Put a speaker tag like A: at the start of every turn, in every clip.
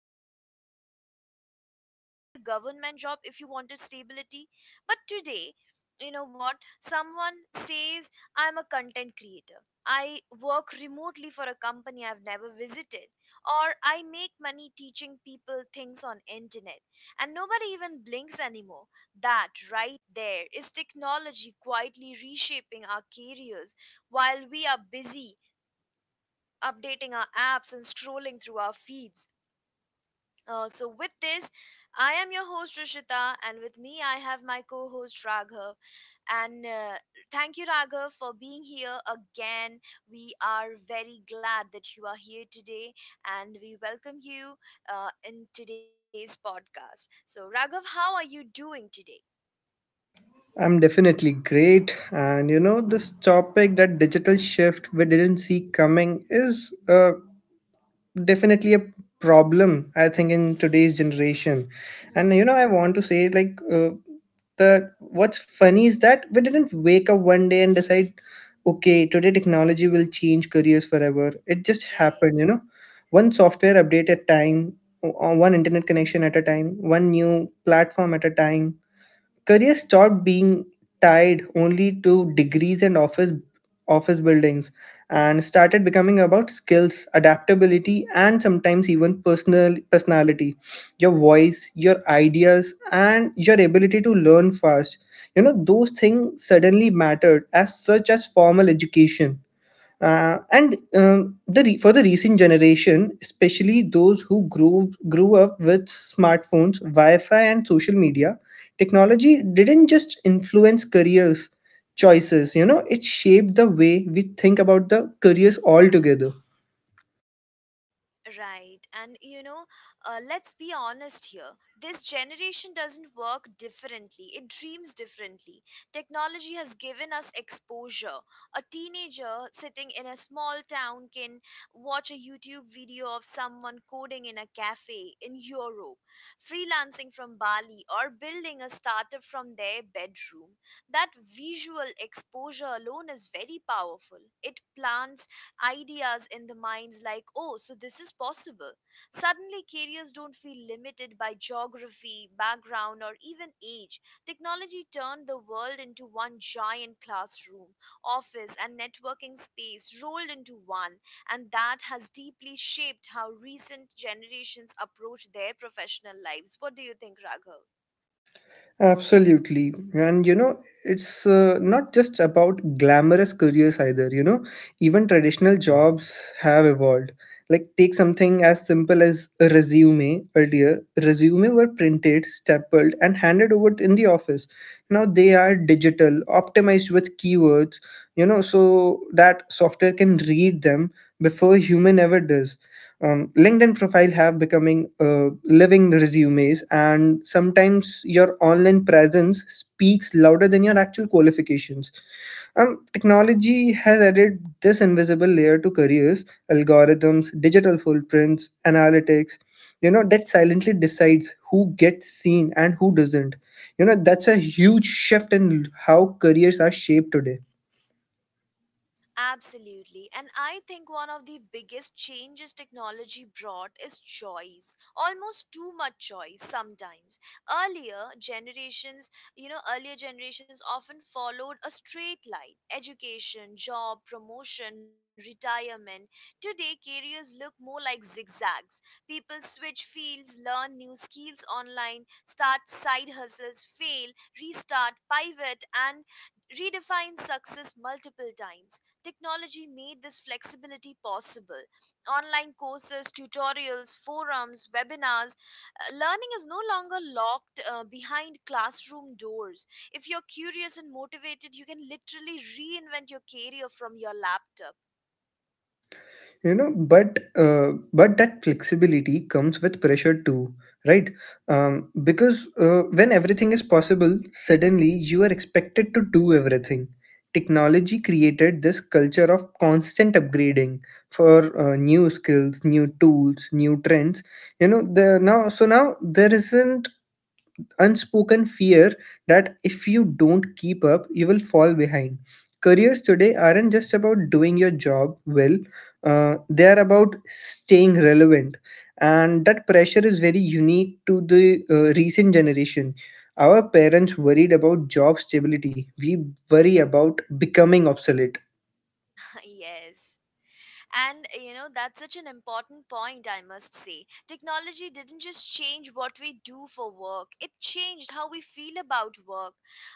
A: doctor, engineer, lawyer, maybe a government job if you wanted stability. But today, you know what someone says? I'm a content creator. I work remotely for a company I've never visited, or I make money teaching people things on internet, and nobody even blinks anymore. That right there is technology quietly reshaping our careers while we are busy updating our apps and scrolling through our feeds. So with this, I am your host Rishita, and with me I have my co-host Raghav, and thank you, Raghav, for being here again. We are very glad that you are here today, and we welcome you in today's podcast. So, Raghav, how are you doing today?
B: I'm definitely great. And you know, this topic that digital shift we didn't see coming is definitely a problem, I think, in today's generation. And
A: Hmm.
B: you know, I want to say, like, the what's funny is that we didn't wake up one day and decide, okay, today technology will change careers forever. It just
A: Right.
B: happened, you know, one software update at a time, one internet connection at a time, one new platform at a time. Career stopped being tied only to degrees and office buildings, and started becoming about skills, adaptability, and sometimes even personality, your voice, your ideas, and your ability to learn fast. You know, those things suddenly mattered as such as formal education. For the recent generation, especially those who grew up with smartphones, wi-fi, and social media, technology didn't just influence careers choices, you know, it shaped the way we think about the careers altogether.
A: Right. And you know, let's be honest here. This generation doesn't work differently, it dreams differently. Technology has given us exposure. A teenager sitting in a small town can watch a YouTube video of someone coding in a cafe in Europe, freelancing from Bali, or building a startup from their bedroom. That visual exposure alone is very powerful. It plants ideas in the minds like, oh, so this is possible. Suddenly, careers don't feel limited by geography, background, or even age. Technology turned the world into one giant classroom, office, and networking space rolled into one, and that has deeply shaped how recent generations approach their professional lives. What do you think, Raghav?
B: Absolutely. And you know, it's not just about glamorous careers either, you know, even traditional jobs have evolved. Like, take something as simple as a resume earlier. Resume were printed, stapled, and handed over in the office. Now they are digital, optimized with keywords, you know, so that software can read them before human ever does. LinkedIn profile have becoming living resumes, and sometimes your online presence speaks louder than your actual qualifications. Technology has added this invisible layer to careers, algorithms, digital footprints, analytics, you know, that silently decides who gets seen and who doesn't. You know, that's a huge shift in how careers are shaped today.
A: Absolutely. And I think one of the biggest changes technology brought is choice. Almost too much choice sometimes. Earlier generations, you know, earlier generations often followed a straight line: education, job, promotion, retirement. Today, careers look more like zigzags. People switch fields, learn new skills online, start side hustles, fail, restart, pivot, and redefine success multiple times. Technology made this flexibility possible. Online courses, tutorials, forums, webinars. Learning is no longer locked behind classroom doors. If you're curious and motivated, you can literally reinvent your career from your laptop.
B: You know, but that flexibility comes with pressure too, right? Because When everything is possible, suddenly you are expected to do everything. Technology created this culture of constant upgrading for new skills, new tools, new trends. You know the now so now there isn't unspoken fear that if you don't keep up, you will fall behind. Careers today aren't just about doing your job well, they are about staying relevant. And that pressure is very unique to the recent generation. Our parents worried about job stability, we worry about becoming obsolete.
A: Yes. And you know, that's such an important point, I must say. Technology didn't just change what we do for work, it changed how we feel about work.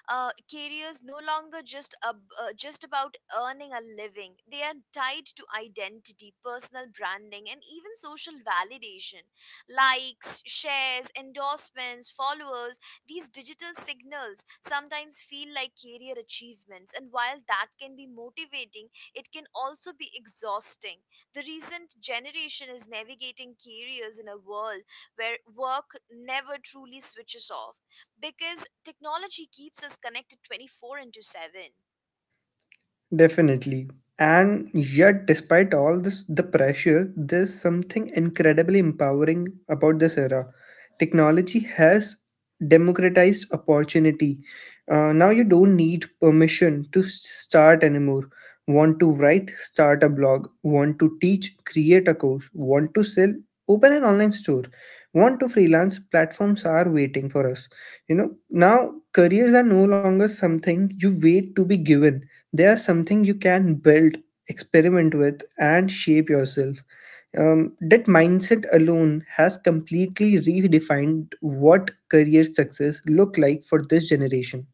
A: Careers no longer just, just about earning a living, they are tied to identity, personal branding, and even social validation. Likes, shares, endorsements, followers, these digital signals sometimes feel like career achievements. And while that can be motivating, it can also be exhausting. The recent generation is navigating careers in a world where work never truly switches off because technology keeps us connected 24 into 7.
B: Definitely. And yet, despite all this, the pressure, there's something incredibly empowering about this era. Technology has democratized opportunity. Now you don't need permission to start anymore. Want to write? Start a blog. Want to teach? Create a course. Want to sell? Open an online store. Want to freelance? Platforms are waiting for us. You know, now careers are no longer something you wait to be given, they are something you can build, experiment with, and shape yourself. That mindset alone has completely redefined what career success look like for this generation.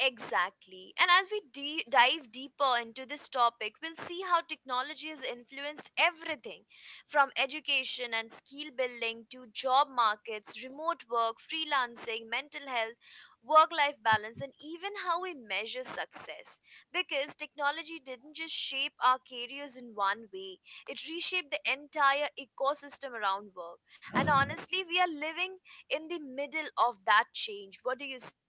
A: Exactly. And as we dive deeper into this topic, we'll see how technology has influenced everything from education and skill building to job markets, remote work, freelancing, mental health, work life balance, and even how we measure success. Because technology didn't just shape our careers in one way, it reshaped the entire ecosystem around work. And honestly, we are living in the middle of that change. What do you say?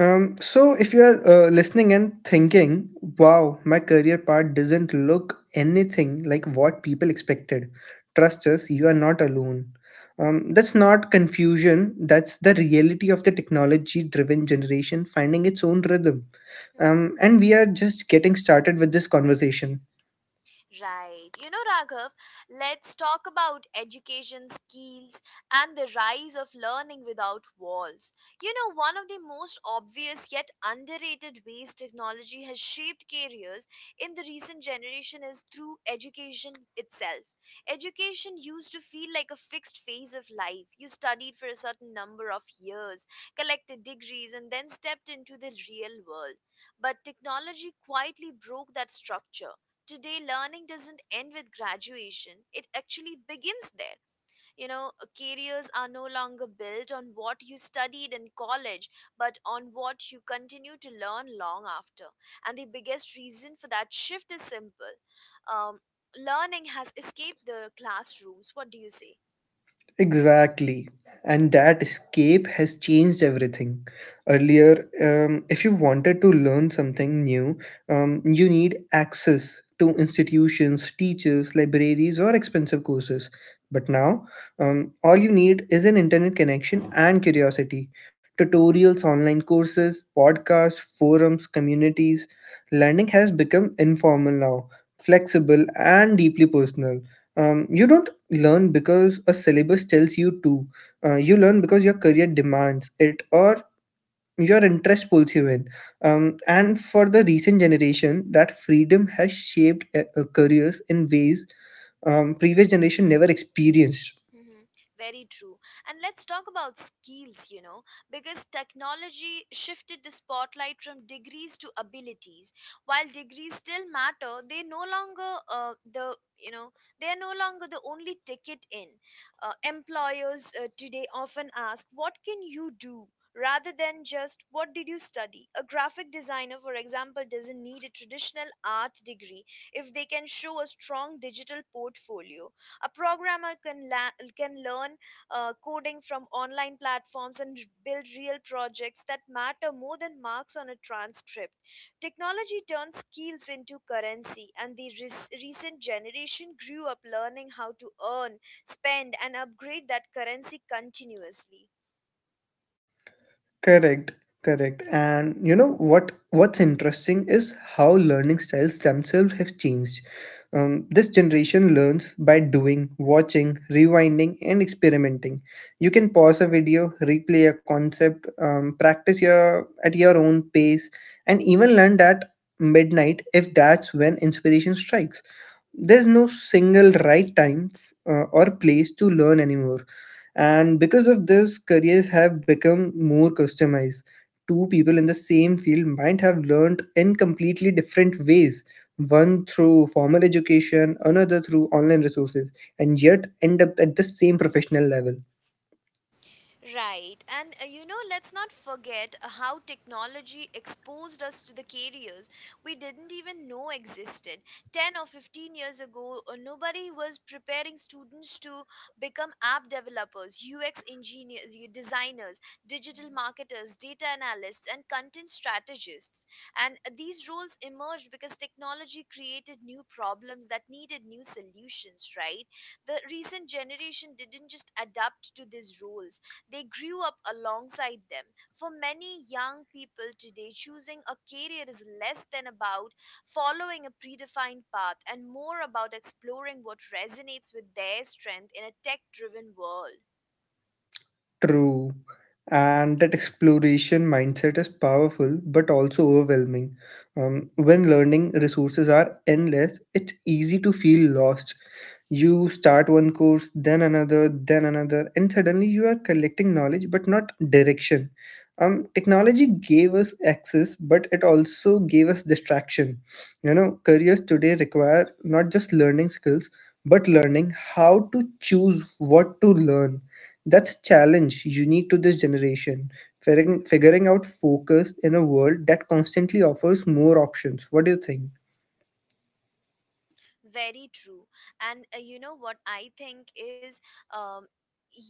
B: So, if you are listening and thinking, wow, my career path doesn't look anything like what people expected, trust us, you are not alone. That's not confusion, that's the reality of the technology driven generation finding its own rhythm. And we are just getting started with this conversation.
A: Right. You know, Raghav, let's talk about education skills and the rise of learning without walls. You know, one of the most obvious yet underrated ways technology has shaped careers in the recent generation is through education itself. Education used to feel like a fixed phase of life. You studied for a certain number of years, collected degrees, and then stepped into the real world. But technology quietly broke that structure. Today learning doesn't end with graduation, it actually begins there, you know. Careers are no longer built on what you studied in college, but on what you continue to learn long after, and the biggest reason for that shift is simple: um, learning has escaped the classrooms. What do you say?
B: Exactly. And that escape has changed everything. Earlier, if you wanted to learn something new, you need access to institutions, teachers, libraries, or expensive courses. But now, all you need is an internet connection and curiosity. Tutorials, online courses, podcasts, forums, communities. Learning has become informal now, flexible, and deeply personal. You don't learn because a syllabus tells you to. You learn because your career demands it, or your interest pulls you in. And for the recent generation, that freedom has shaped careers in ways previous generation never experienced.
A: Mhm. Very true. And let's talk about skills, you know, because technology shifted the spotlight from degrees to abilities. While degrees still matter, they no longer they are no longer the only ticket in. Employers today often ask, "What can you do?" rather than just what did you study. A graphic designer, for example, doesn't need a traditional art degree if they can show a strong digital portfolio. A programmer can learn coding from online platforms and build real projects that matter more than marks on a transcript. Technology turns skills into currency, and the recent generation grew up learning how to earn, spend, and upgrade that currency continuously.
B: Correct, correct. And you know what's interesting is how learning styles themselves have changed. This generation learns by doing, watching, rewinding, and experimenting. You can pause a video, replay a concept, practice your at your own pace, and even learn at midnight if that's when inspiration strikes. There's no single right time or place to learn anymore. And because of this, careers have become more customized. Two people in the same field might have learned in completely different ways, one through formal education, another through online resources, and yet end up at the same professional level.
A: Right, and you know, let's not forget how technology exposed us to the careers we didn't even know existed. 10 or 15 years ago, nobody was preparing students to become app developers, UX engineers, designers, digital marketers, data analysts, and content strategists. And these roles emerged because technology created new problems that needed new solutions, right? The recent generation didn't just adapt to these roles, they grew up alongside them. For many young people today, choosing a career is less than about following a predefined path and more about exploring what resonates with their strength in a tech driven world.
B: True. And that exploration mindset is powerful but also overwhelming. When learning resources are endless, it's easy to feel lost. You start one course, then another, and suddenly you are collecting knowledge but not direction. Technology gave us access, but it also gave us distraction. You know, careers today require not just learning skills, but learning how to choose what to learn. That's a challenge unique to this generation. Figuring, figuring out focus in a world that constantly offers more options. What do you think?
A: Very true. And you know what I think is, um,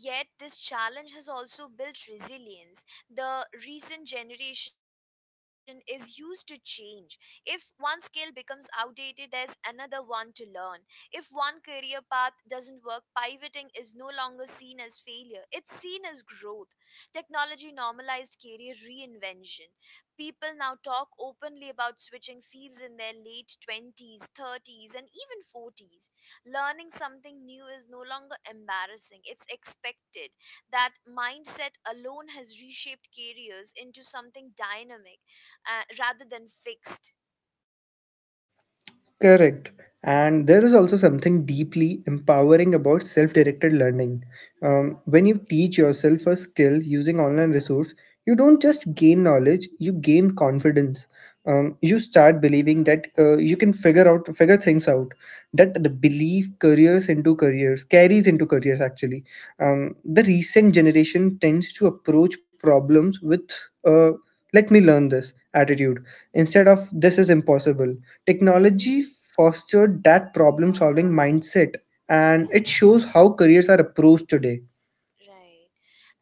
A: yet this challenge has also built resilience. The recent generation is used to change. If one skill becomes outdated, there's another one to learn. If one career path doesn't work, pivoting is no longer seen as failure, it's seen as growth. Technology normalized career reinvention. People now talk openly about switching fields in their late 20s, 30s, and even 40s. Learning something new is no longer embarrassing, it's expected. That mindset alone has reshaped careers into something dynamic rather than fixed.
B: Correct. And there is also something deeply empowering about self directed learning. When you teach yourself a skill using online resource, you don't just gain knowledge, you gain confidence. You start believing that you can figure things out, that the belief careers into careers carries into careers actually. Um, the recent generation tends to approach problems with uh, let me learn this attitude. Instead of this is impossible, technology fostered that problem solving mindset, and it shows how careers are approached today.
A: Right.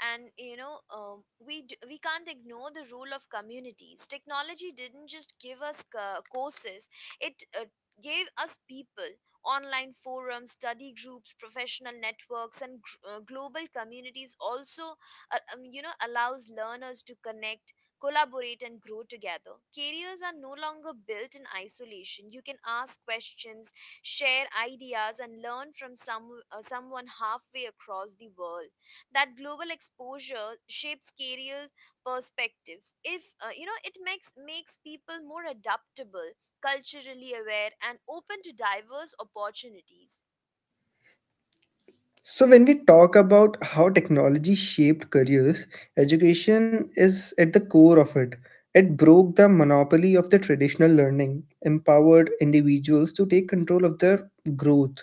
A: And you know, we can't ignore the role of communities. Technology didn't just give us courses; it gave us people, online forums, study groups, professional networks, and global communities. Also, you know, allows learners to connect, collaborate, and grow together. Careers are no longer built in isolation. You can ask questions, share ideas, and learn from someone halfway across the world. That global exposure shapes careers perspectives. If you know, it makes people more adaptable, culturally aware, and open to diverse opportunities.
B: So, when we talk about how technology shaped careers, education is at the core of it. It broke the monopoly of the traditional learning, empowered individuals to take control of their growth,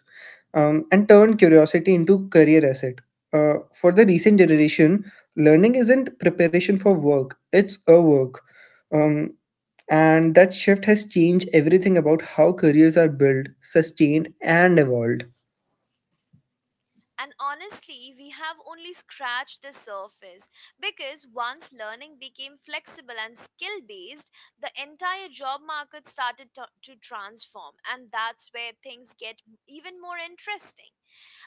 B: and turned curiosity into career asset. For the recent generation, learning isn't preparation for work; it's a work. Um, and that shift has changed everything about how careers are built, sustained, and evolved.
A: And honestly we have only scratched the surface, because once learning became flexible and skill based, the entire job market started to transform, and that's where things get even more interesting.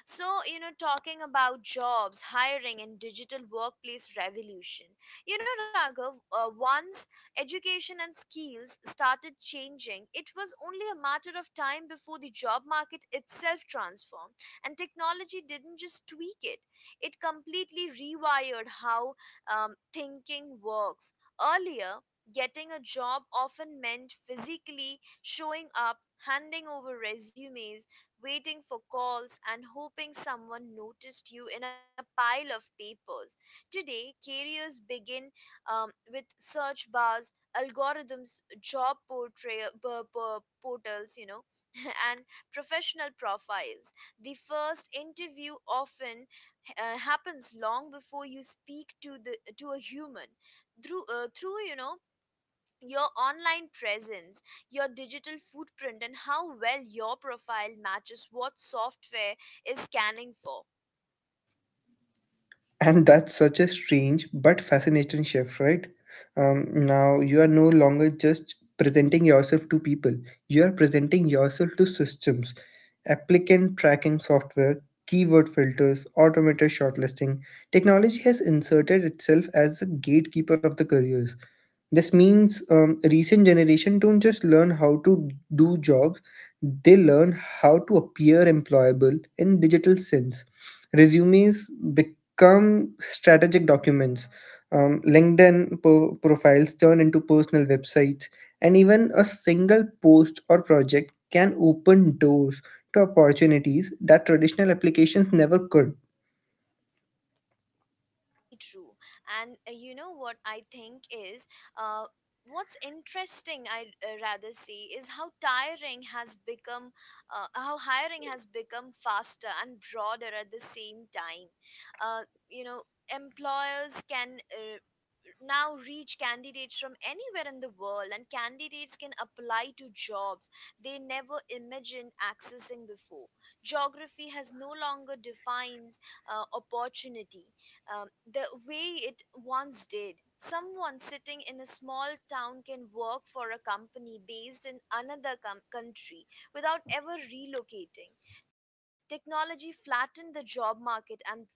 A: So, you know, talking about jobs, hiring, and digital workplace revolution. You know, Raghav, once education and skills started changing, it was only a matter of time before the job market itself transformed. And technology didn't just tweak it, it completely rewired how thinking works. Earlier, getting a job often meant physically showing up, handing over resumes, waiting for calls, and hoping someone noticed you in a pile of papers. Today, careers begin with search bars, algorithms, job portray- p- p- portals, you know, and professional profiles. The first interview often happens long before you speak to the to a human through your online presence, your digital footprint, and how well your profile matches what software is scanning for.
B: And that's such a strange but fascinating shift, right? Now you are no longer just presenting yourself to people, you are presenting yourself to systems, applicant tracking software, keyword filters, automated shortlisting. Technology has inserted itself as a gatekeeper of the careers. This means recent generation don't just learn how to do jobs, they learn how to appear employable in digital sense. Resumes become strategic documents. LinkedIn profiles turn into personal websites, and even a single post or project can open doors to opportunities that traditional applications never could.
A: Very true. And you know what I think is. Uh, What's interesting, I'd rather say, is how how hiring has become faster and broader at the same time. Uh, you know, employers can now reach candidates from anywhere in the world, and candidates can apply to jobs they never imagined accessing before. Geography has no longer defines opportunity um, the way it once did. Someone sitting in a small town can work for a company based in another country without ever relocating. Technology flattened the job market, and for the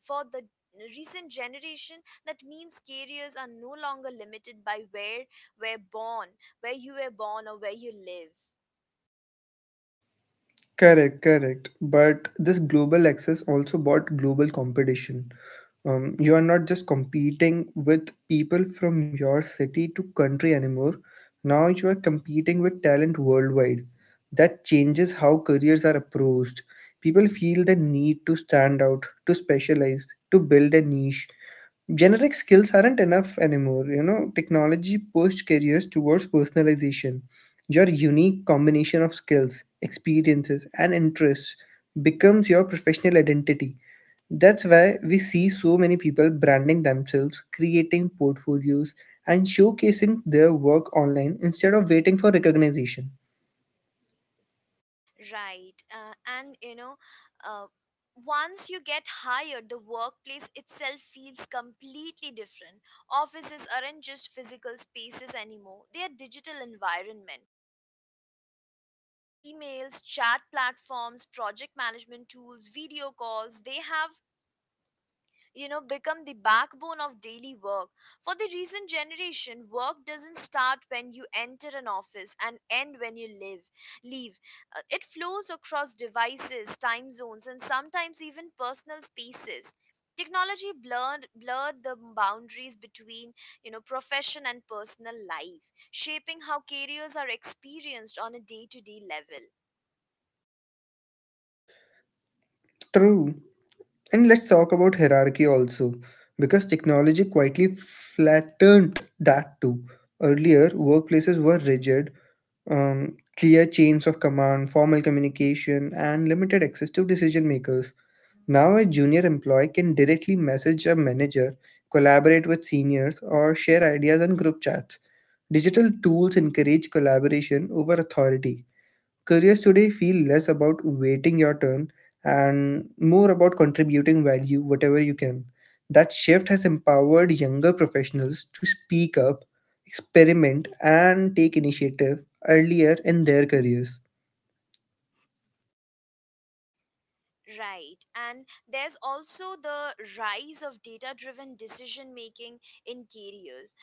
A: recent generation, that means careers are no longer limited by where we're born, where you were born, or where you live.
B: Correct. But this global access also brought global competition. You are not just competing with people from your city to country anymore. Now you are competing with talent worldwide. That changes how careers are approached. People feel the need to stand out, to specialize, to build a niche. Generic skills aren't enough anymore. You know, technology pushed careers towards personalization. Your unique combination of skills, experiences, and interests becomes your professional identity. That's why we see so many people branding themselves, creating portfolios, and showcasing their work online instead of waiting for recognition.
A: Right. And you know, uh, once you get hired, the workplace itself feels completely different. Offices aren't just physical spaces anymore, they are digital environments. Emails, chat platforms, project management tools, video calls, they have, you know, become the backbone of daily work. For the recent generation, work doesn't start when you enter an office and end when you live leave. It flows across devices, time zones, and sometimes even personal spaces. Technology blurred the boundaries between, you know, profession and personal life, shaping how careers are experienced on a day to day level.
B: True. And let's talk about hierarchy also, because technology quietly flattened that too. Earlier, workplaces were rigid, clear chains of command, formal communication, and limited access to decision makers. Now, a junior employee can directly message a manager, collaborate with seniors, or share ideas on group chats. Digital tools encourage collaboration over authority. Careers today feel less about waiting your turn and more about contributing value whatever you can. That shift has empowered younger professionals to speak up, experiment, and take initiative earlier in their careers.
A: Right. And there's also the rise of data driven decision making in careers.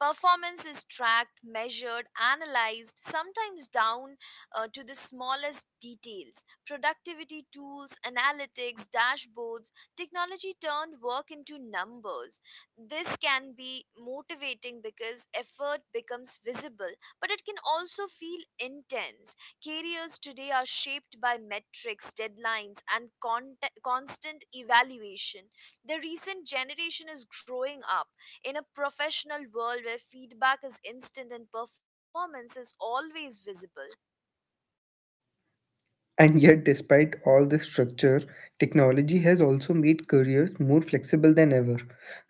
A: Performance is tracked, measured, analyzed, sometimes down to the smallest details. Productivity tools, analytics, dashboards, technology turned work into numbers. This can be motivating because effort becomes visible, but it can also feel intense. Careers today are shaped by metrics, deadlines, and constant evaluation. The recent generation is growing up in a professional world where feedback is instant and performance is always visible.
B: And yet, despite all this structure, technology has also made careers more flexible than ever.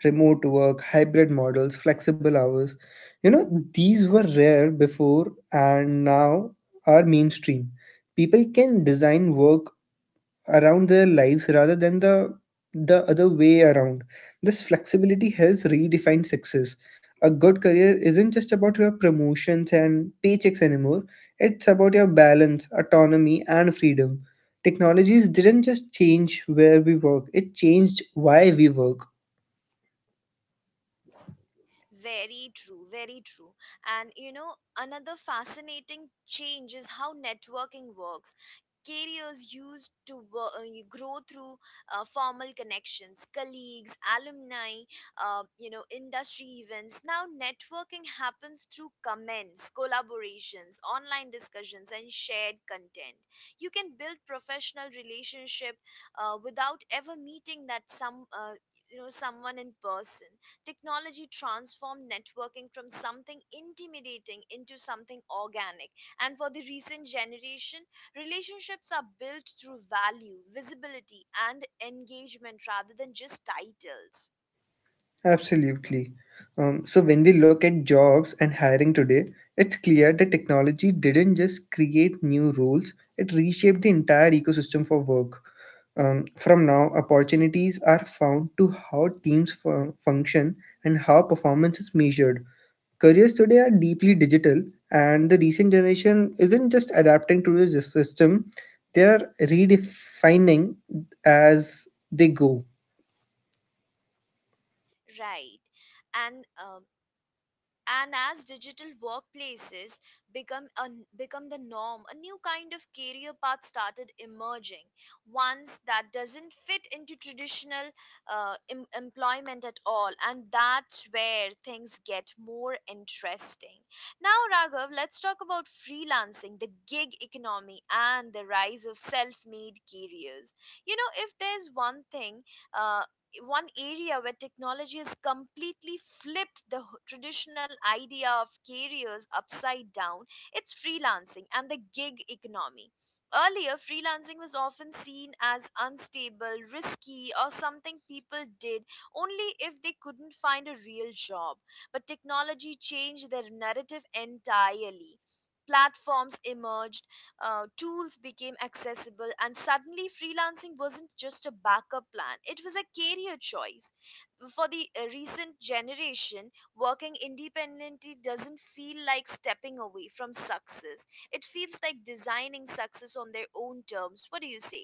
B: Remote work, hybrid models, flexible hours. You know, these were rare before and now are mainstream. People can design work around their lives rather than the other way around. This flexibility has redefined success. A good career isn't just about your promotions and paychecks anymore. It's about your balance, autonomy, and freedom. Technologies didn't just change where we work, it changed why we work.
A: Very true, very true. And you know, another fascinating change is how networking works. Careers used to you grow through formal connections, colleagues, alumni, industry events. Now, networking happens through comments, collaborations, online discussions, and shared content. You can build professional relationship without ever meeting that some you know someone in person. Technology transformed networking from something intimidating into something organic. And for the recent generation, relationships are built through value, visibility, and engagement rather than just titles.
B: Absolutely. So when we look at jobs and hiring today, it's clear that technology didn't just create new roles, it reshaped the entire ecosystem for work. From now, opportunities are found to how teams function and how performance is measured. Careers today are deeply digital, and the recent generation isn't just adapting to the system, they are redefining as they go.
A: Right. And um, and as digital workplaces become a, become the norm, a new kind of career path started emerging, ones that doesn't fit into traditional employment at all, and that's where things get more interesting. Now, Raghav, let's talk about freelancing, the gig economy, and the rise of self-made careers. You know, if there's one thing, uh, one area where technology has completely flipped the traditional idea of careers upside down, it's freelancing and the gig economy. Earlier, freelancing was often seen as unstable, risky, or something people did only if they couldn't find a real job, but technology changed their narrative entirely. Platforms emerged, tools became accessible, and suddenly freelancing wasn't just a backup plan, it was a career choice. For the recent generation, working independently doesn't feel like stepping away from success, it feels like designing success on their own terms. What do you say?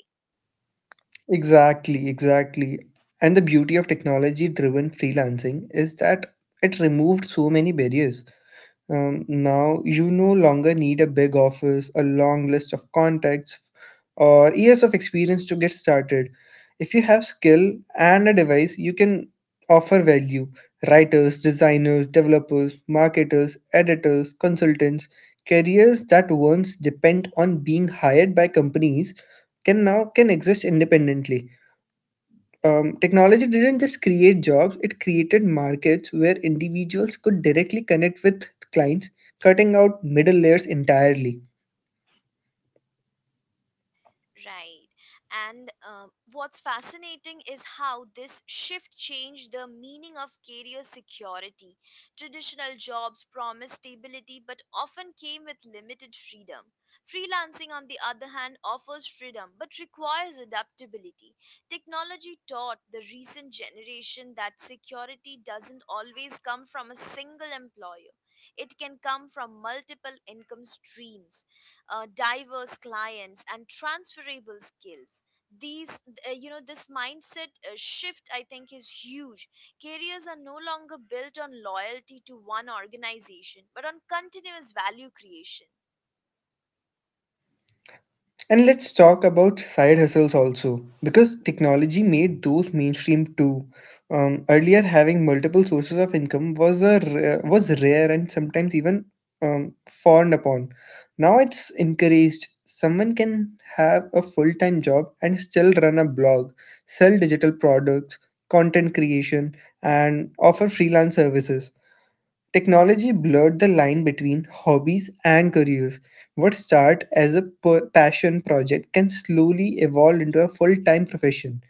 B: Exactly. And the beauty of technology driven freelancing is that it removed so many barriers. Now you no longer need a big office, a long list of contacts, or years of experience to get started. If you have skill and a device, you can offer value. Writers, designers, developers, marketers, editors, consultants, careers that once depend on being hired by companies can now can exist independently. Technology didn't just create jobs, it created markets where individuals could directly connect with clients, cutting out middle layers entirely.
A: Right. And what's fascinating is how this shift changed the meaning of career security. Traditional jobs promise stability but often came with limited freedom. Freelancing, on the other hand, offers freedom but requires adaptability. Technology taught the recent generation that security doesn't always come from a single employer, it can come from multiple income streams, diverse clients, and transferable skills. These you know This mindset shift, I think, is huge. Careers are no longer built on loyalty to one organization but on continuous value creation.
B: And let's talk about side hustles also, because technology made those mainstream too. Earlier, having multiple sources of income was rare and sometimes even fawned upon. Now it's encouraged. Someone can have a full time job and still run a blog, sell digital products, content creation, and offer freelance services. Technology blurred the line between hobbies and careers. What starts as a passion project can slowly evolve into a full time profession,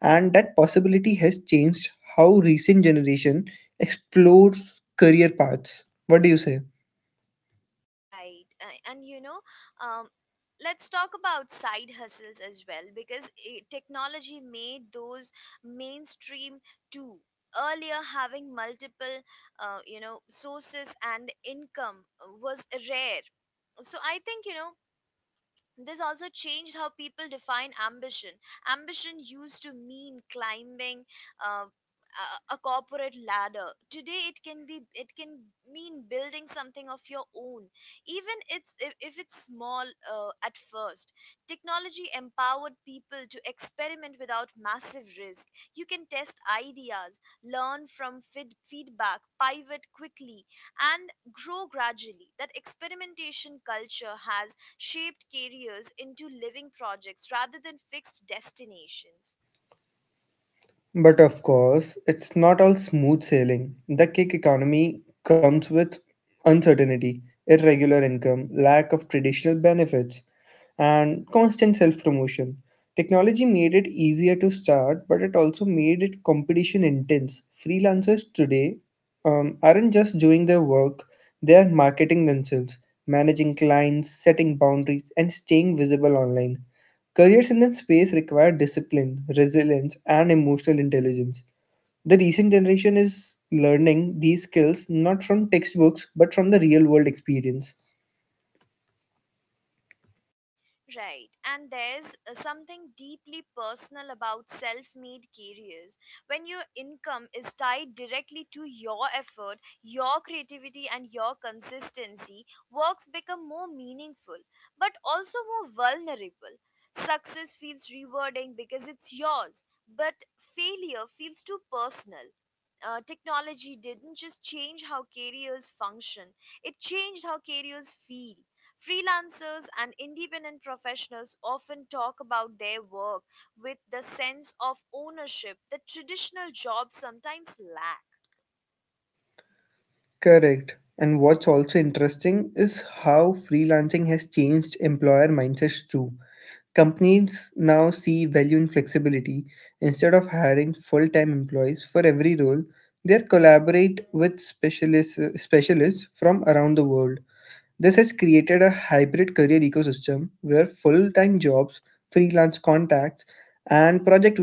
B: and that possibility has changed how recent generation explores career paths. What do you say?
A: Right. Um, let's talk about side hustles as well, because technology made those mainstream too. Earlier, having multiple, sources and income was rare. So I think, you know, this also changed how people define ambition. Ambition used to mean climbing a corporate ladder. Today, it can mean building something of your own, even it's if it's small at first. Technology empowered people to experiment without massive risk. You can test ideas, learn from feedback, pivot quickly, and grow gradually. That experimentation culture has shaped careers into living projects rather than fixed destinations.
B: But of course, it's not all smooth sailing. The gig economy comes with uncertainty, irregular income, lack of traditional benefits, and constant self promotion. Technology made it easier to start, but it also made it competition intense. Freelancers today aren't just doing their work, they are marketing themselves, managing clients, setting boundaries, and staying visible online. Careers in that space require discipline, resilience, and emotional intelligence. The recent generation is learning these skills not from textbooks but from the real world experience.
A: Right. And there's something deeply personal about self made careers. When your income is tied directly to your effort, your creativity, and your consistency, works become more meaningful but also more vulnerable. Success feels rewarding because it's yours, but failure feels too personal. Technology didn't just change how careers function, it changed how careers feel. Freelancers and independent professionals often talk about their work with the sense of ownership that traditional jobs sometimes lack.
B: Correct. And what's also interesting is how freelancing has changed employer mindsets too. Companies now see value in flexibility. Instead of hiring full time employees for every role, they collaborate with specialists, specialists from around the world. This has created a hybrid career ecosystem where full time jobs, freelance contacts, and project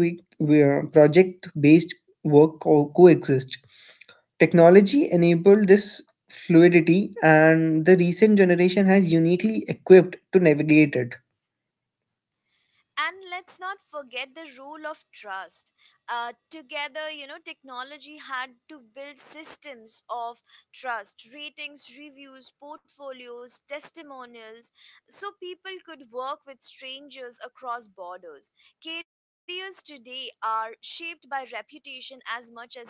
B: based work coexist. Technology enabled this fluidity, and the recent generation has uniquely equipped to navigate it.
A: And let's not forget the role of trust. Together you know Technology had to build systems of trust: ratings, reviews, portfolios, testimonials, so people could work with strangers across borders. Careers today are shaped by reputation as much as skill.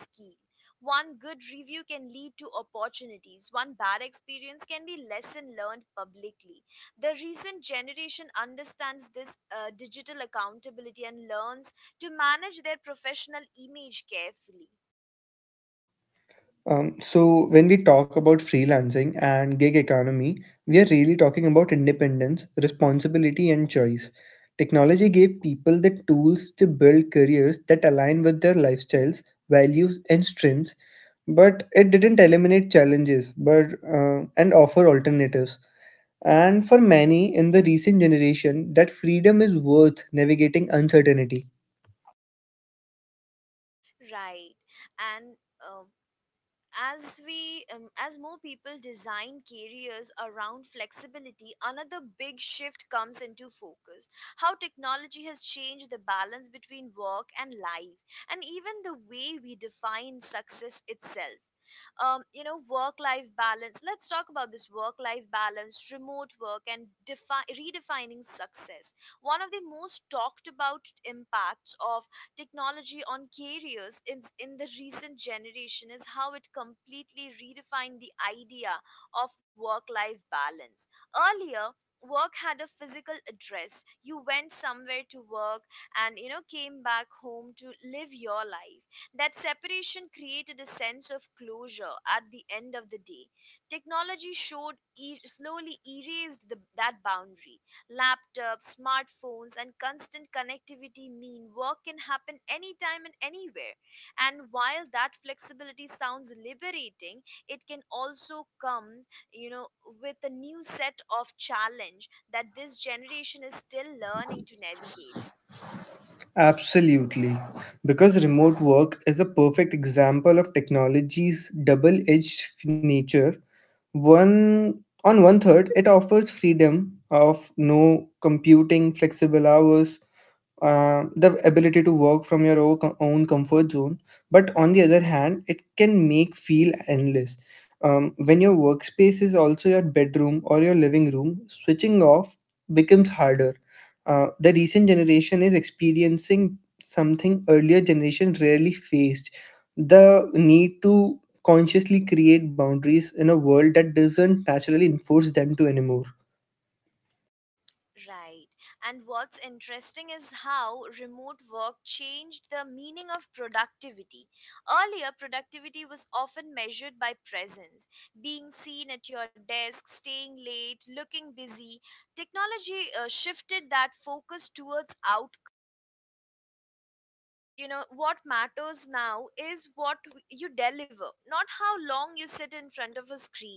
A: One good review can lead to opportunities, one bad experience can be lesson learned publicly. The recent generation understands this digital accountability and learns to manage their professional image carefully.
B: So, when we talk about freelancing and gig economy, we are really talking about independence, responsibility, and choice. Technology gave people the tools to build careers that align with their lifestyles, values, and strengths, but it didn't eliminate challenges but and offer alternatives. And for many in the recent generation, that freedom is worth navigating uncertainty.
A: Right. And uh, as more people design careers around flexibility, another big shift comes into focus: how technology has changed the balance between work and life, and even the way we define success itself. You know work life balance Let's talk about this. Work life balance, remote work, and redefining success. One of the most talked about impacts of technology on carriers in the recent generation is how it completely redefined the idea of work life balance. Earlier, work had a physical address. You went somewhere to work and, you know, came back home to live your life. That separation created a sense of closure at the end of the day. Technology slowly erased that boundary. Laptops, smartphones, and constant connectivity mean work can happen anytime and anywhere. And while that flexibility sounds liberating, it can also come, you know, with a new set of challenge that this generation is still learning to navigate.
B: Absolutely. Because remote work is a perfect example of technology's double edged nature. One on one third, it offers freedom of no computing, flexible hours, the ability to work from your own, own comfort zone, but on the other hand it can make feel endless. When your workspace is also your bedroom or your living room, switching off becomes harder. The recent generation is experiencing something earlier generation rarely faced, the need to consciously create boundaries in a world that doesn't naturally enforce them to anymore.
A: Right. And what's interesting is how remote work changed the meaning of productivity. Earlier, productivity was often measured by presence, being seen at your desk, staying late, looking busy. Technology shifted that focus towards outcome. You know, what matters now is what you deliver, not how long you sit in front of a screen.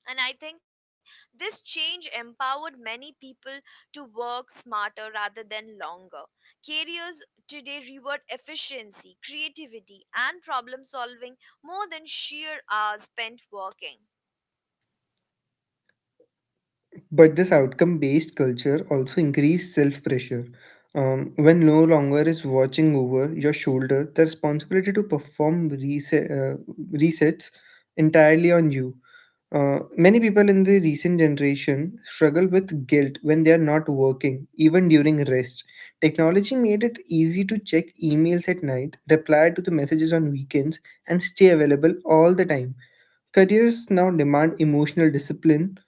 A: And I think this change empowered many people to work smarter rather than longer. Careers today reward efficiency, creativity, and problem solving more than sheer hours spent working.
B: But this outcome based culture also increased self pressure. When no longer is watching over your shoulder, the responsibility to perform resets entirely on you. Many people in the recent generation struggle with guilt when they are not working, even during rest. Technology made it easy to check emails at night, reply to the messages on weekends, and stay available all the time. Careers now demand emotional discipline,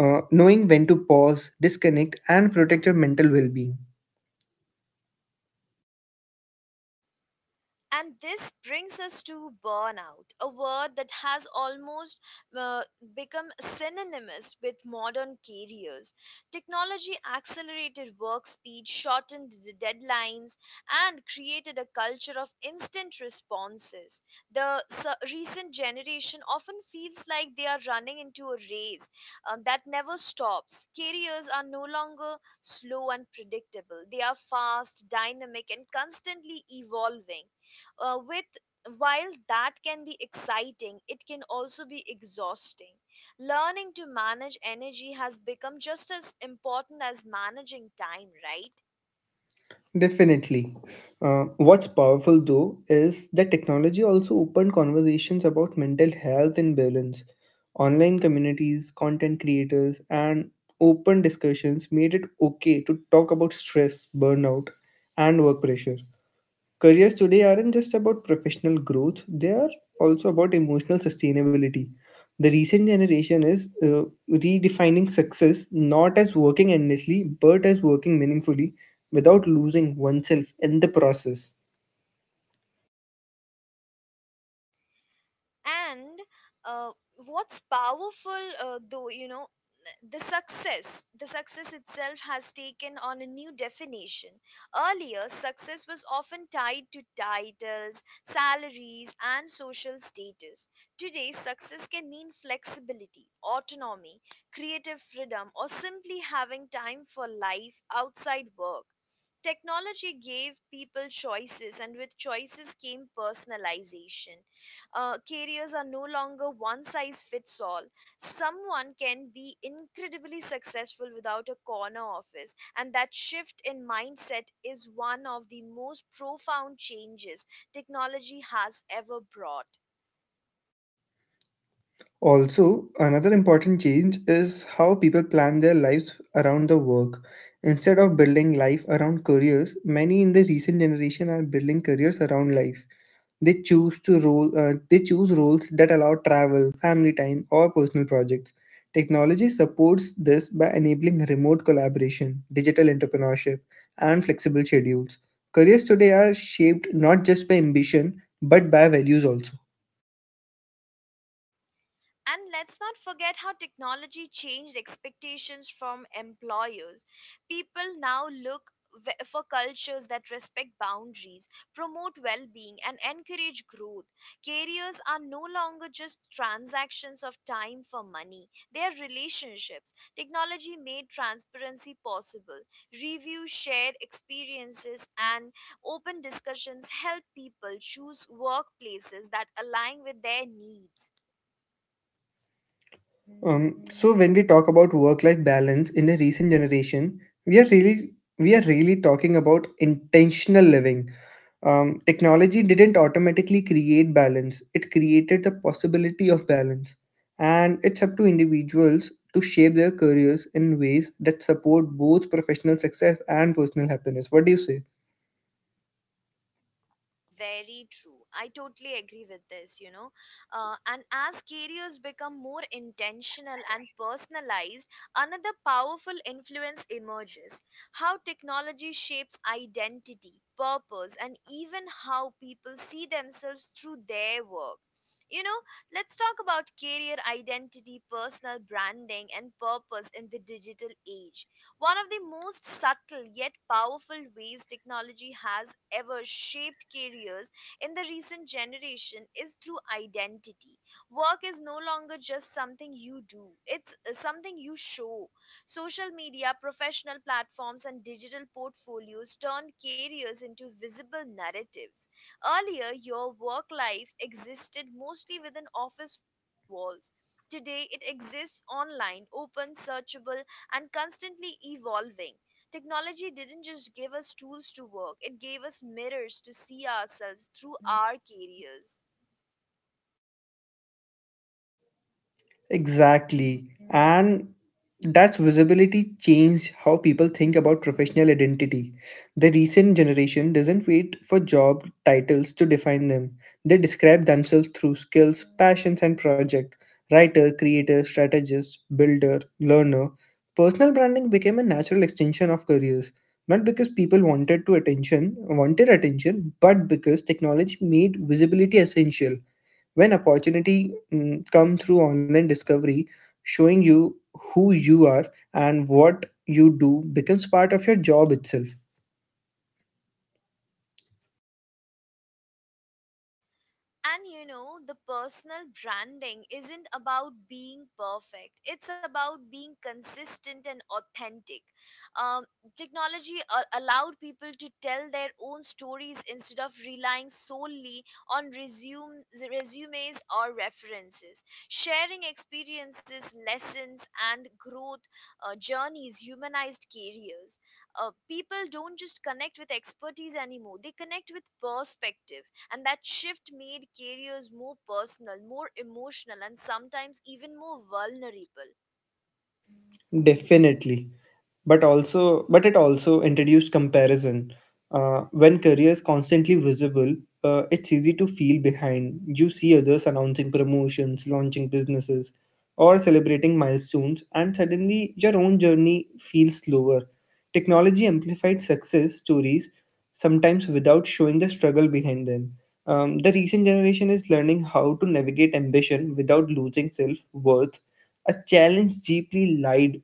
B: knowing when to pause, disconnect, and protect your mental well being.
A: And this brings us to burnout, a word that has almost uh, become synonymous with modern careers. Technology accelerated work speed, shortened the deadlines, and created a culture of instant responses. The recent generation often feels like they are running into a race that never stops. Careers are no longer slow and predictable, they are fast, dynamic, and constantly evolving. With While that can be exciting, it can also be exhausting. Learning to manage energy has become just as important as managing time, right?
B: Definitely. What's powerful though is that technology also opened conversations about mental health and balance. Online communities, content creators, and open discussions made it okay to talk about stress, burnout, and work pressure. Careers today aren't just about professional growth, they are also about emotional sustainability. The recent generation is redefining success not as working endlessly, but as working meaningfully without losing oneself in the process.
A: And uh, what's powerful though you know the success, the success itself has taken on a new definition. Earlier, success was often tied to titles, salaries, and social status. Today, success can mean flexibility, autonomy, creative freedom, or simply having time for life outside work. Technology gave people choices, and with choices came personalization. Careers are no longer one size fits all. Someone can be incredibly successful without a corner office, and that shift in mindset is one of the most profound changes technology has ever brought.
B: Also, another important change is how people plan their lives around the work. Instead of building life around careers, many in the recent generation are building careers around life. They choose to rule. They choose roles that allow travel, family time, or personal projects. Technology supports this by enabling remote collaboration, digital entrepreneurship, and flexible schedules. Careers today are shaped not just by ambition but by values also.
A: And let's not forget how technology changed expectations from employers. People now look for cultures that respect boundaries, promote well being, and encourage growth. Careers are no longer just transactions of time for money, they are relationships. Technology made transparency possible. Reviews, shared experiences, and open discussions help people choose workplaces that align with their needs.
B: So when we talk about work-life balance in the recent generation, we are really we are really talking about intentional living. Technology didn't automatically create balance, it created the possibility of balance. And it's up to individuals to shape their careers in ways that support both professional success and personal happiness. What do you say?
A: Very true. I totally agree with this, you know. And as careers become more intentional and personalized, another powerful influence emerges: how technology shapes identity, purpose, and even how people see themselves through their work. You know, let's talk about career identity, personal branding, and purpose in the digital age. One of the most subtle yet powerful ways technology has ever shaped careers in the recent generation is through identity. Work is no longer just something you do, it's something you show. Social media, professional platforms, and digital portfolios turned careers into visible narratives. Earlier, your work life existed mostly within office walls. Today, it exists online, open, searchable, and constantly evolving. Technology didn't just give us tools to work, it gave us mirrors to see ourselves through our careers.
B: Exactly. And that's visibility changed how people think about professional identity. The recent generation doesn't wait for job titles to define them. They describe themselves through skills, passions, and project. Writer, creator, strategist, builder, learner. Personal branding became a natural extension of careers. Not because people wanted to attention wanted attention, but because technology made visibility essential. When opportunity come through online discovery, showing you who you are and what you do becomes part of your job itself.
A: And you know, the personal branding isn't about being perfect. It's about being consistent and authentic. Um, Technology allowed people to tell their own stories instead of relying solely on resumes or references. Sharing experiences, lessons, and growth journeys humanized careers. People don't just connect with expertise anymore, they connect with perspective, and that shift made careers more personal, more emotional, and sometimes even more vulnerable.
B: Definitely. But it also introduced comparison. When career is constantly visible, it's easy to feel behind. You see others announcing promotions, launching businesses, or celebrating milestones, and suddenly your own journey feels slower. Technology amplified success stories sometimes without showing the struggle behind them. The recent generation is learning how to navigate ambition without losing self-worth, a challenge deeply lied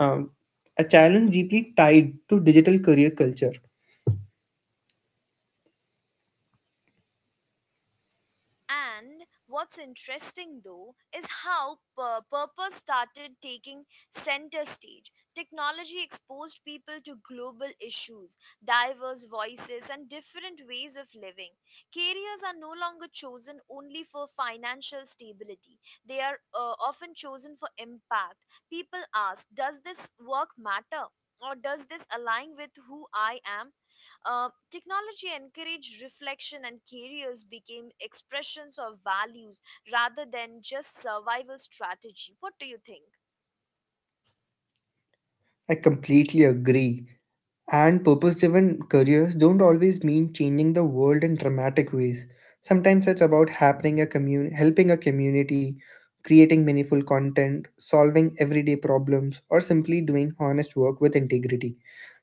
B: um, a challenge deeply tied to digital career culture.
A: And what's interesting though is how purpose started taking center stage. Technology exposed people to global issues, diverse voices, and different ways of living. Careers are no longer chosen only for financial stability, they are often chosen for impact. People ask, "Does this work matter?" Or, "Does this align with who I am?" Technology encouraged reflection, and careers became expressions of values rather than just survival strategy. What do you think?
B: I completely agree. And purpose driven careers don't always mean changing the world in dramatic ways. Sometimes it's about helping a community, creating meaningful content, solving everyday problems, or simply doing honest work with integrity.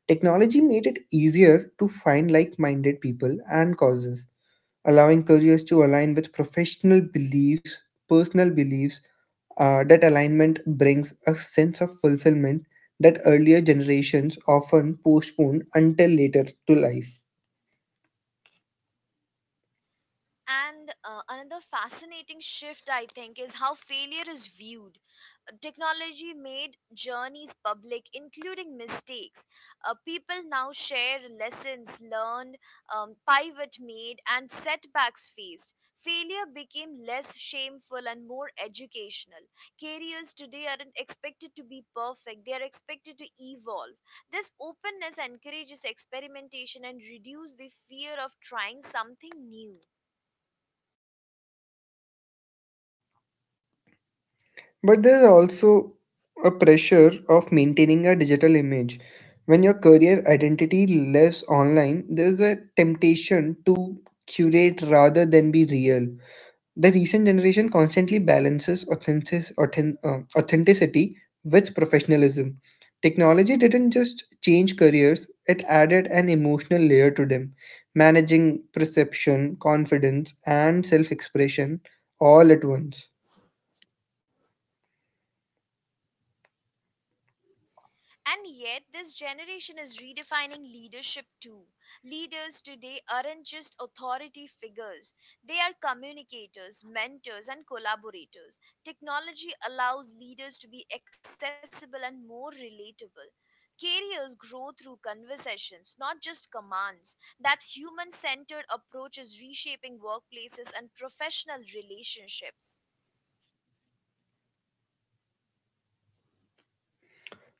B: Technology made it easier to find like minded people and causes, allowing careers to align with personal beliefs. That alignment brings a sense of fulfillment that earlier generations often postpone until later to life.
A: And another fascinating shift, I think, is how failure is viewed. Technology made journeys public, including mistakes. People now share lessons learned, pivot made, and setbacks faced. Failure became less shameful and more educational. Careers today aren't expected to be perfect, they are expected to evolve. This openness encourages experimentation and reduces the fear of trying something new.
B: But there's also a pressure of maintaining a digital image. When your career identity lives online, there's a temptation to curate rather than be real. The recent generation constantly balances authenticity with professionalism. Technology didn't just change careers, it added an emotional layer to them, managing perception, confidence, and self expression all at once.
A: And yet, this generation is redefining leadership too. Leaders today aren't just authority figures, they are communicators, mentors, and collaborators. Technology allows leaders to be accessible and more relatable. Careers grow through conversations, not just commands. That human centered approach is reshaping workplaces and professional relationships.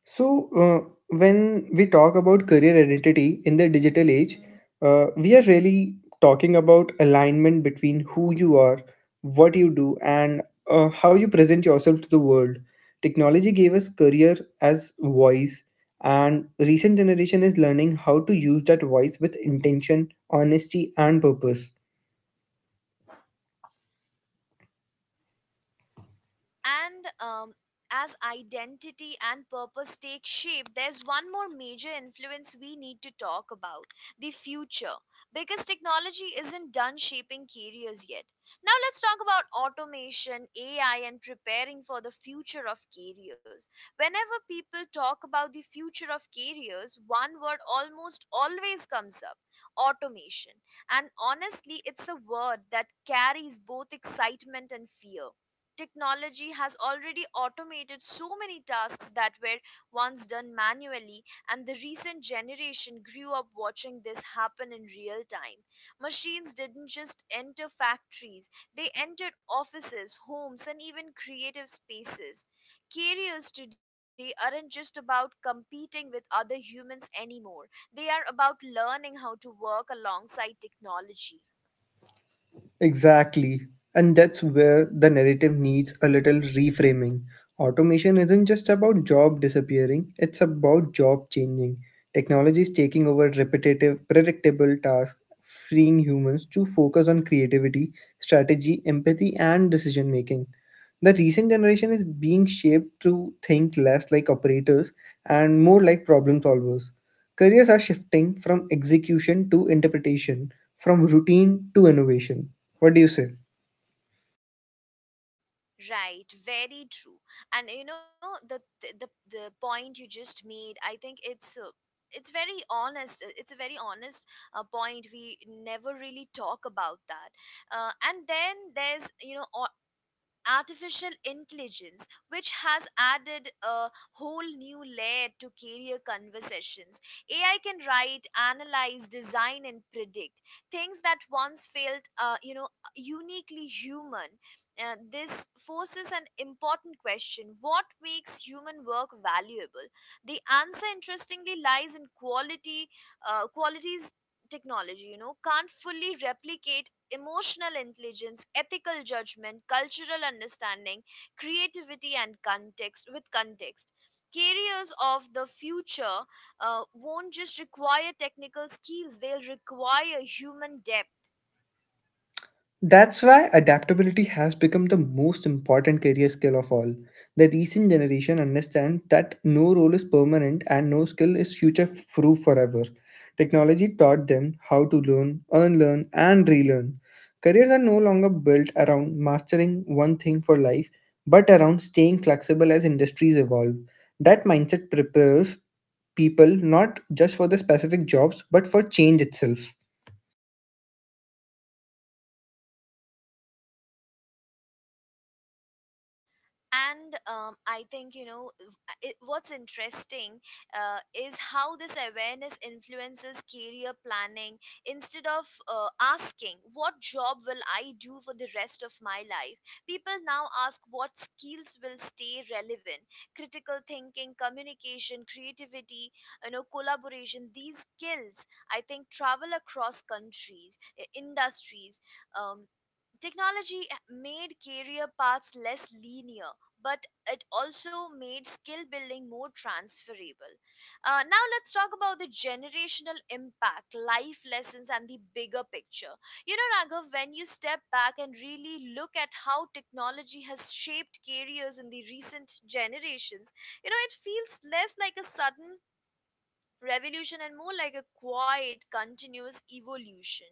B: So, when we talk about career identity in the digital age, we are really talking about alignment between who you are, what you do, and how you present yourself to the world. Technology gave us career as voice, and recent generation is learning how to use that voice with intention, honesty, and purpose.
A: And As identity and purpose take shape, there's one more major influence we need to talk about: the future. Because technology isn't done shaping careers yet. Now let's talk about automation, AI, and preparing for the future of careers. Whenever people talk about the future of careers, one word almost always comes up: automation. And honestly, it's a word that carries both excitement and fear. Technology has already automated so many tasks that were once done manually, and the recent generation grew up watching this happen in real time. Machines didn't just enter factories, they entered offices, homes, and even creative spaces. Careers today aren't just about competing with other humans anymore, they are about learning how to work alongside technology.
B: Exactly. And that's where the narrative needs a little reframing. Automation isn't just about job disappearing, it's about job changing. Technology is taking over repetitive, predictable tasks, freeing humans to focus on creativity, strategy, empathy, and decision making. The recent generation is being shaped to think less like operators and more like problem solvers. Careers are shifting from execution to interpretation, from routine to innovation. What do you say?
A: Right, very true. And you know, the point you just made, I think it's very honest. It's a very honest point. We never really talk about that. And then there's, you know, artificial intelligence, which has added a whole new layer to career conversations. AI can write, analyze, design, and predict things that once felt, you know, uniquely human. This forces an important question: what makes human work valuable? The answer, interestingly, lies in qualities technology, you know, can't fully replicate: emotional intelligence, ethical judgment, cultural understanding, creativity, and context. With context, carriers of the future won't just require technical skills; they'll require human depth.
B: That's why adaptability has become the most important career skill of all. The recent generation understands that no role is permanent and no skill is future proof forever. Technology taught them how to learn, unlearn, and relearn. Careers are no longer built around mastering one thing for life, but around staying flexible as industries evolve. That mindset prepares people not just for the specific jobs, but for change itself.
A: And I think, you know, what's interesting is how this awareness influences career planning. Instead of asking what job will I do for the rest of my life, people now ask what skills will stay relevant: critical thinking, communication, creativity, you know, collaboration. These skills, I think, travel across countries, industries. um, Technology made career paths less linear, but it also made skill building more transferable. Now, let's talk about the generational impact, life lessons, and the bigger picture. You know, Raghav, when you step back and really look at how technology has shaped careers in the recent generations, you know, it feels less like a sudden revolution and more like a quiet, continuous evolution.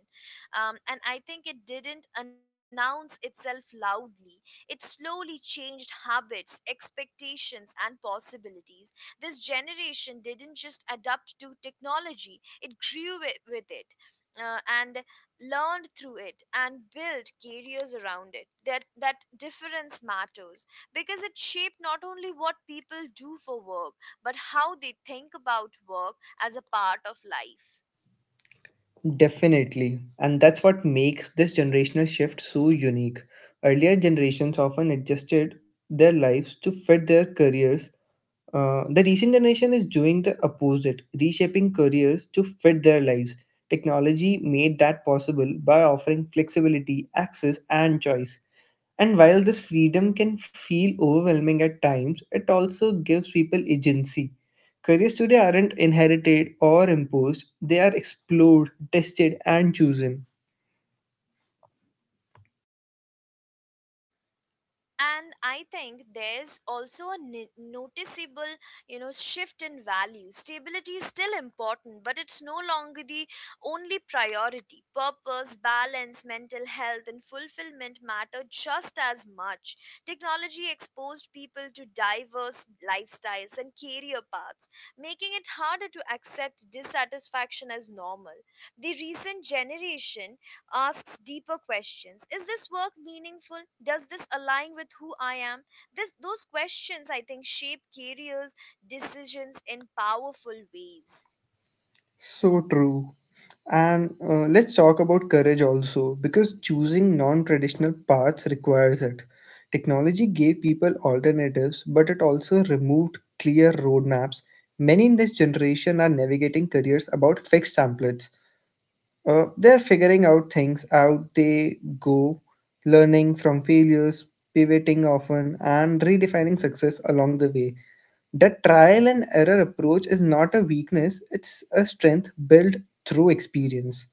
A: And I think it didn't announce itself loudly. It slowly changed habits, expectations, and possibilities. This generation didn't just adapt to technology, it grew it, with it. And learned through it and built careers around it. That difference matters because it shaped not only what people do for work, but how they think about work as a part of life.
B: Definitely. And that's what makes this generational shift so unique. Earlier generations often adjusted their lives to fit their careers. The recent generation is doing the opposite, reshaping careers to fit their lives. Technology made that possible by offering flexibility, access, and choice. And while this freedom can feel overwhelming at times, it also gives people agency. Careers today aren't inherited or imposed, they are explored, tested, and chosen.
A: And I think there's also a noticeable, you know, shift in value. Stability is still important, but it's no longer the only priority. Purpose, balance, mental health, and fulfillment matter just as much. Technology exposed people to diverse lifestyles and career paths, making it harder to accept dissatisfaction as normal. The recent generation asks deeper questions. Is this work meaningful? Does this align with who I am? Those questions, I think, shape careers, decisions in powerful ways.
B: So true. And let's talk about courage also, because choosing non traditional paths requires it. Technology gave people alternatives, but it also removed clear roadmaps. Many in this generation are navigating careers about fixed templates. They're figuring out things out they go, learning from failures, pivoting often, and redefining success along the way. That trial and error approach is not a weakness, it's a strength built through experience.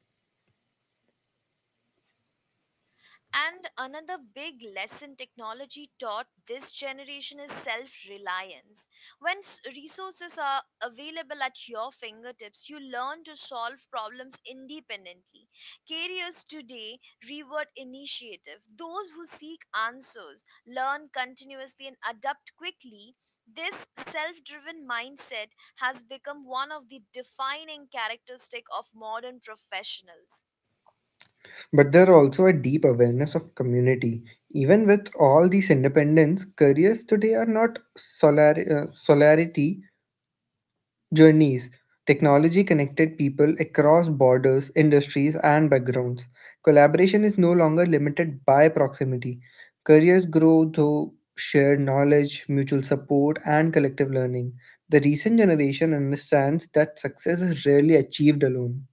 A: And another big lesson technology taught this generation is self reliance. When resources are available at your fingertips, you learn to solve problems independently. Careers today reward initiative. Those who seek answers learn continuously and adapt quickly. This self driven mindset has become one of the defining characteristic of modern professionals.
B: But there are also a deep awareness of community. Even with all these independence, careers today are not solarity journeys. Technology connected people across borders, industries, and backgrounds. Collaboration is no longer limited by proximity. Careers grow through shared knowledge, mutual support, and collective learning. The recent generation understands that success is rarely achieved alone.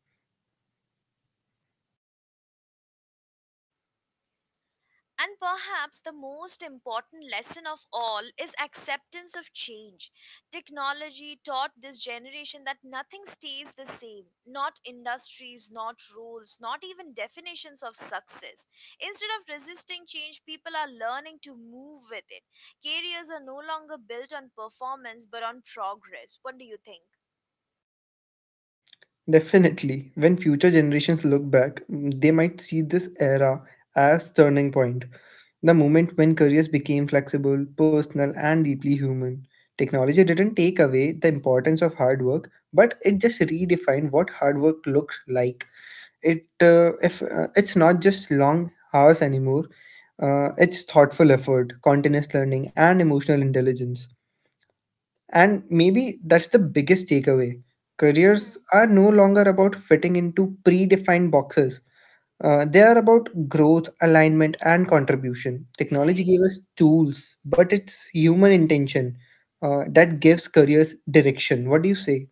A: And perhaps the most important lesson of all is acceptance of change. Technology taught this generation that nothing stays the same, not industries, not rules, not even definitions of success. Instead of resisting change, people are learning to move with it. Careers are no longer built on performance but on progress. What do you think?
B: Definitely, when future generations look back, they might see this era as turning point. The moment when careers became flexible, personal, and deeply human. Technology didn't take away the importance of hard work, but it just redefined what hard work looked like. It's not just long hours anymore, it's thoughtful effort, continuous learning, and emotional intelligence. And maybe that's the biggest takeaway. Careers
A: Mhm.
B: are no longer about fitting into predefined boxes. They are about growth, alignment, and contribution. Technology
A: Right.
B: gave us tools, but it's human intention that gives careers direction. What do you say?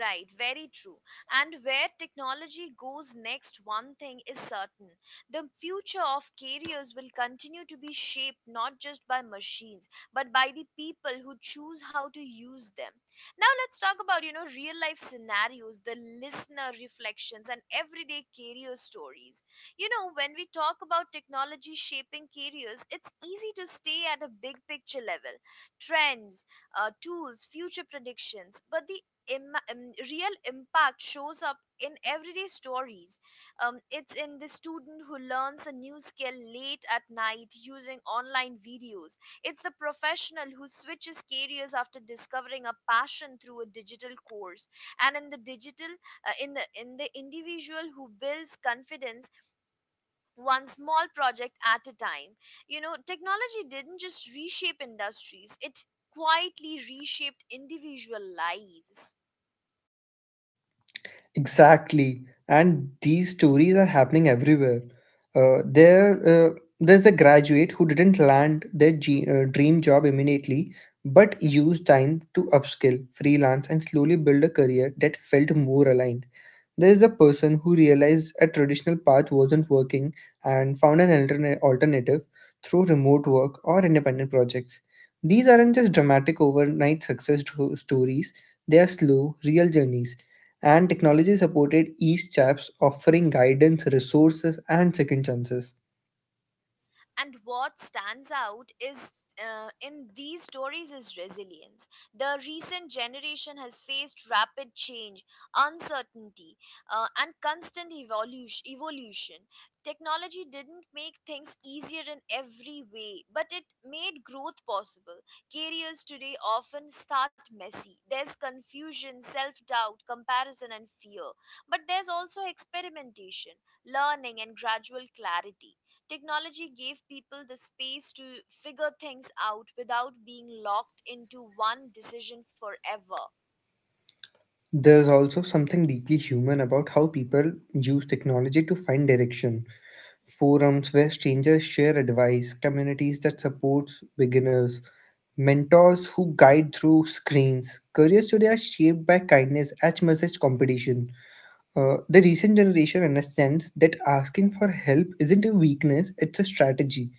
A: Right, very true. And where technology goes next, one thing is certain. The future of careers will continue to be shaped not just by machines, but by the people who choose how to use them. Now let's talk about, you know, real life scenarios, the listener reflections, and everyday career stories. You know, when we talk about technology shaping careers, it's easy to stay at a big picture level. Trends, tools, future predictions. But the real impact shows up in everyday stories. It's in the student who learns a new skill late at night using online videos. It's the professional who switches careers after discovering a passion through a digital course. And in the digital, in the individual who builds confidence one small project at a time. You know, technology didn't just reshape industries; it quietly reshaped individual lives.
B: Exactly. And these stories are happening everywhere. Uh, there, uh, there's a graduate who didn't land their dream job immediately, but used time to upskill, freelance, and slowly build a career that felt more aligned. There is a person who realized a traditional path wasn't working and found an alternative through remote work or independent projects. These aren't just dramatic overnight stories, they are slow, real journeys. And technology supported each chaps offering guidance, resources, and second chances.
A: And what stands out is, in these stories, is resilience. The recent generation has faced rapid change, uncertainty, and constant evolution. Technology didn't make things easier in every way, but it made growth possible. Careers today often start messy. There's confusion, self-doubt, comparison, and fear. But there's also experimentation, learning, and gradual clarity. Technology gave people the space to figure things out without being locked into one decision forever.
B: There's also something deeply human about how people use technology to find direction. Forums where strangers share advice, communities that supports beginners, mentors who guide through screens. Careers today are shaped by kindness as much as competition. The recent generation understands that asking for help isn't a weakness, it's a strategy.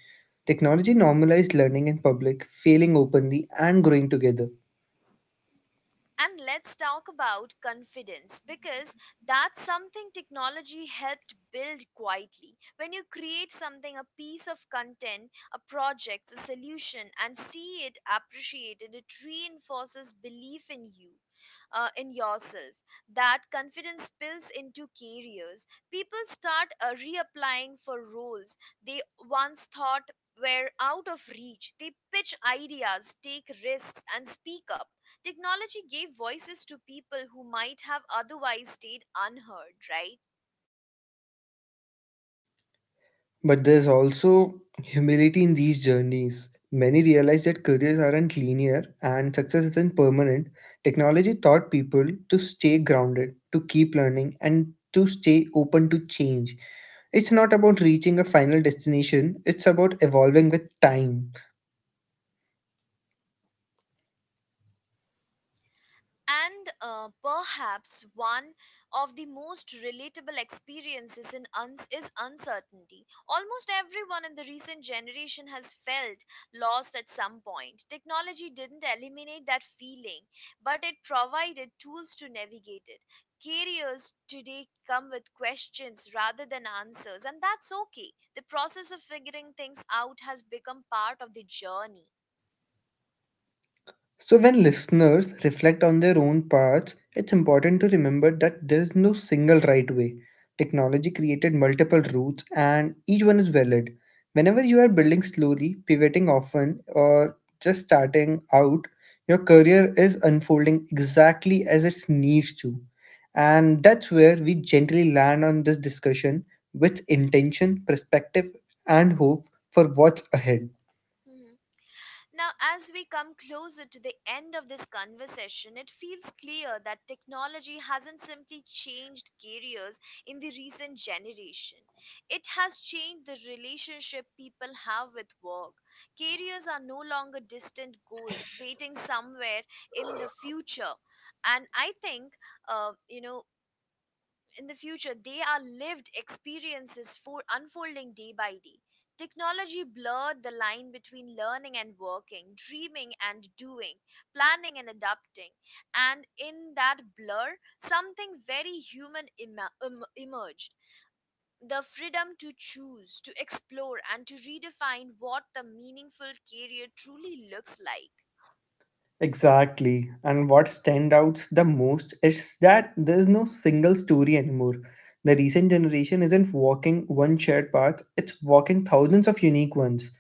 B: Technology normalized learning in public, failing openly, and growing together.
A: And let's talk about confidence, because that's something technology helped build quietly. When you create something, a piece of content, a project, a solution, and see it appreciated, it reinforces belief in you. In yourself. That confidence spills into careers. People start reapplying for roles they once thought were out of reach. They pitch ideas, take risks, and speak up. Technology gave voices to people who might have otherwise stayed unheard, right?
B: But there's also humility in these journeys. Many realize that careers aren't linear and success isn't permanent. Technology taught people to stay grounded, to keep learning, and to stay open to change. It's not about reaching a final destination, it's about evolving with time.
A: And perhaps one of the most relatable experiences in is uncertainty. Almost everyone in the recent generation has felt lost at some point. Technology didn't eliminate that feeling, but it provided tools to navigate it. Careers today come with questions rather than answers, and that's okay. The process of figuring things out has become part of the journey.
B: So, when listeners reflect on their own paths, it's important to remember that there's no single right way. Technology created multiple routes, and each one is valid. Whenever you are building slowly, pivoting often, or just starting out, your career is unfolding exactly as it needs to. And that's where we gently land on this discussion with intention, perspective, and hope for what's ahead.
A: Mhm. Now, as we come closer to the end of this conversation, it feels clear that technology hasn't simply changed careers in the recent generation. It has changed the relationship people have with work. Careers are no longer distant goals waiting somewhere in the future. And I think, you know, in the future they are lived experiences for unfolding day by day. Technology blurred the line between learning and working, dreaming and doing, planning and adapting. And in that blur, something very human emerged: the freedom to choose, to explore, and to redefine what the meaningful career truly looks like.
B: Exactly. And what stands out the most is that there is no single story anymore. The recent generation isn't walking one shared path, it's walking thousands of unique ones.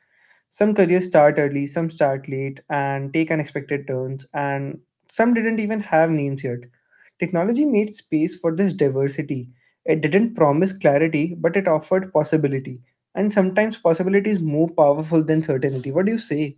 B: Some careers start early, some start late, and take unexpected turns, and some didn't even have names yet. Technology made space for this diversity. It didn't promise clarity, but it offered possibility. And sometimes possibility is more powerful than certainty. What do you say?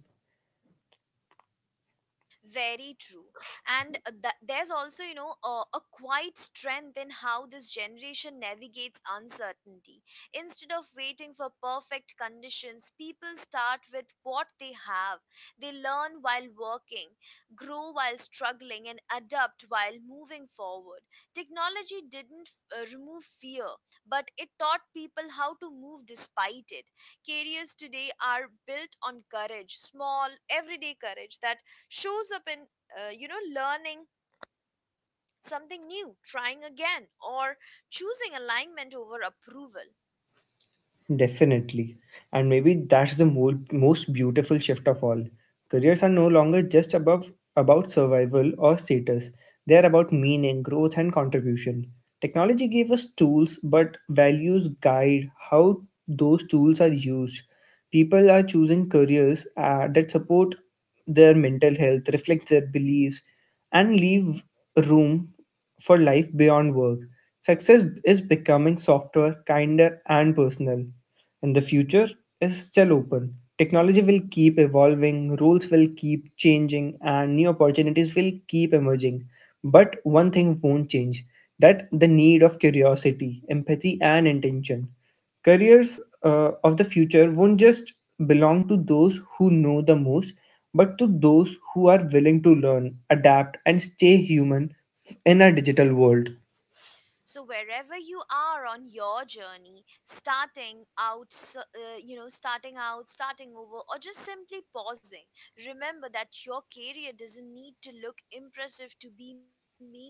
A: Very true. And there's also, you know, a quiet strength in how this generation navigates uncertainty. Instead of waiting for perfect conditions, people start with what they have. They learn while working, grow while struggling, and adapt while moving forward. Technology didn't remove fear, but it taught people how to move despite it. Careers today are built on courage, small everyday courage, that shows up in you know, learning something new, trying again, or choosing alignment over approval.
B: Definitely. And maybe that's the most beautiful shift of all. Careers are no longer about survival or status, they are about meaning, growth, and contribution. Technology gave us tools, but values guide how those tools are used. People are choosing careers that support their mental health, reflect their beliefs, and leave room for life beyond work. Success is becoming softer, kinder, and personal. And the future is still open. Technology will keep evolving, rules will keep changing, and new opportunities will keep emerging. But one thing won't change, that the need of curiosity, empathy, and intention. Careers of the future won't just belong to those who know the most, but to those who are willing to learn, adapt, and stay human in a digital world.
A: So wherever you are on your journey, starting out, you know, starting out, starting over, or just simply pausing, remember that your career doesn't need to look impressive to be meaningful.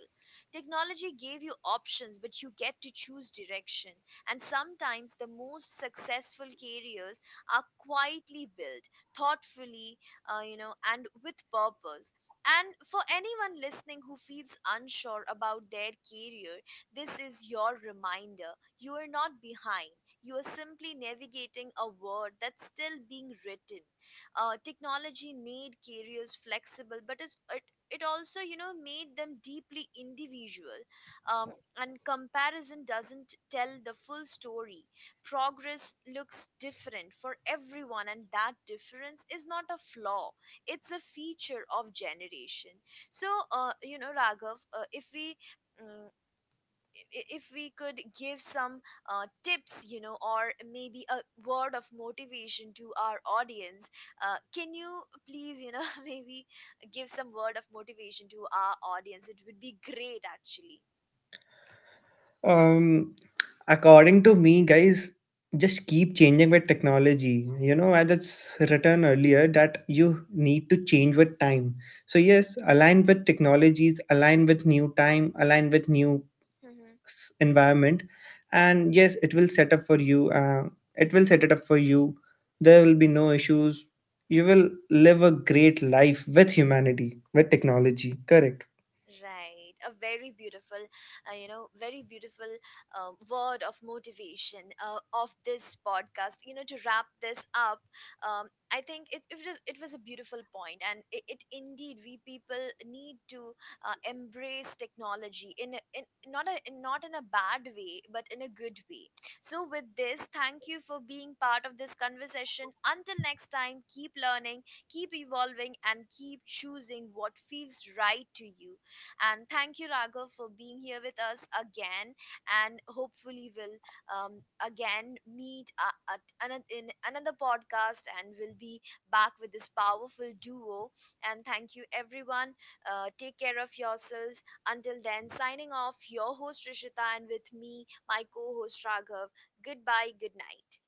A: Technology gave you options, but you get to choose direction. And sometimes the most successful careers are quietly built, thoughtfully, you know, and with purpose. And for anyone listening who feels unsure about their career, this is your reminder: you are not behind. You are simply navigating a world that's still being written. Technology made careers flexible, but it also, you know, made them deeply individual. And comparison doesn't tell the full story. Progress looks different for everyone, and that difference is not a flaw, it's a feature of generation. So, you know, Raghav, if we mm, if we could give some tips, you know, or maybe a word of motivation to our audience, can you please, you know, maybe give some word of motivation to our audience? It would be great, actually.
B: Um, According to me, guys, just keep changing with technology. You know, as it's written earlier, that you need to change with time. So, yes, align with technologies, align with new time, align with new environment. And yes, it will set up for you. It will set it up for you. There will be no issues. You will live a great life with humanity, with technology. Correct.
A: Right, a very beautiful, you know, very beautiful word of motivation of this podcast. You know, to wrap this up, I think it was a beautiful point, and it indeed, we people need to embrace technology in a, not in a bad way, but in a good way. So, with this, thank you for being part of this conversation. Until next time, keep learning, keep evolving, and keep choosing what feels right to you. And thank you, Raghav, for being here with us again. And hopefully we'll again meet in another podcast, and we'll be back with this powerful duo. And thank you, everyone. Take care of yourselves. Until then, signing off, your host Rishita, and with me, my co host Raghav. Goodbye, good night.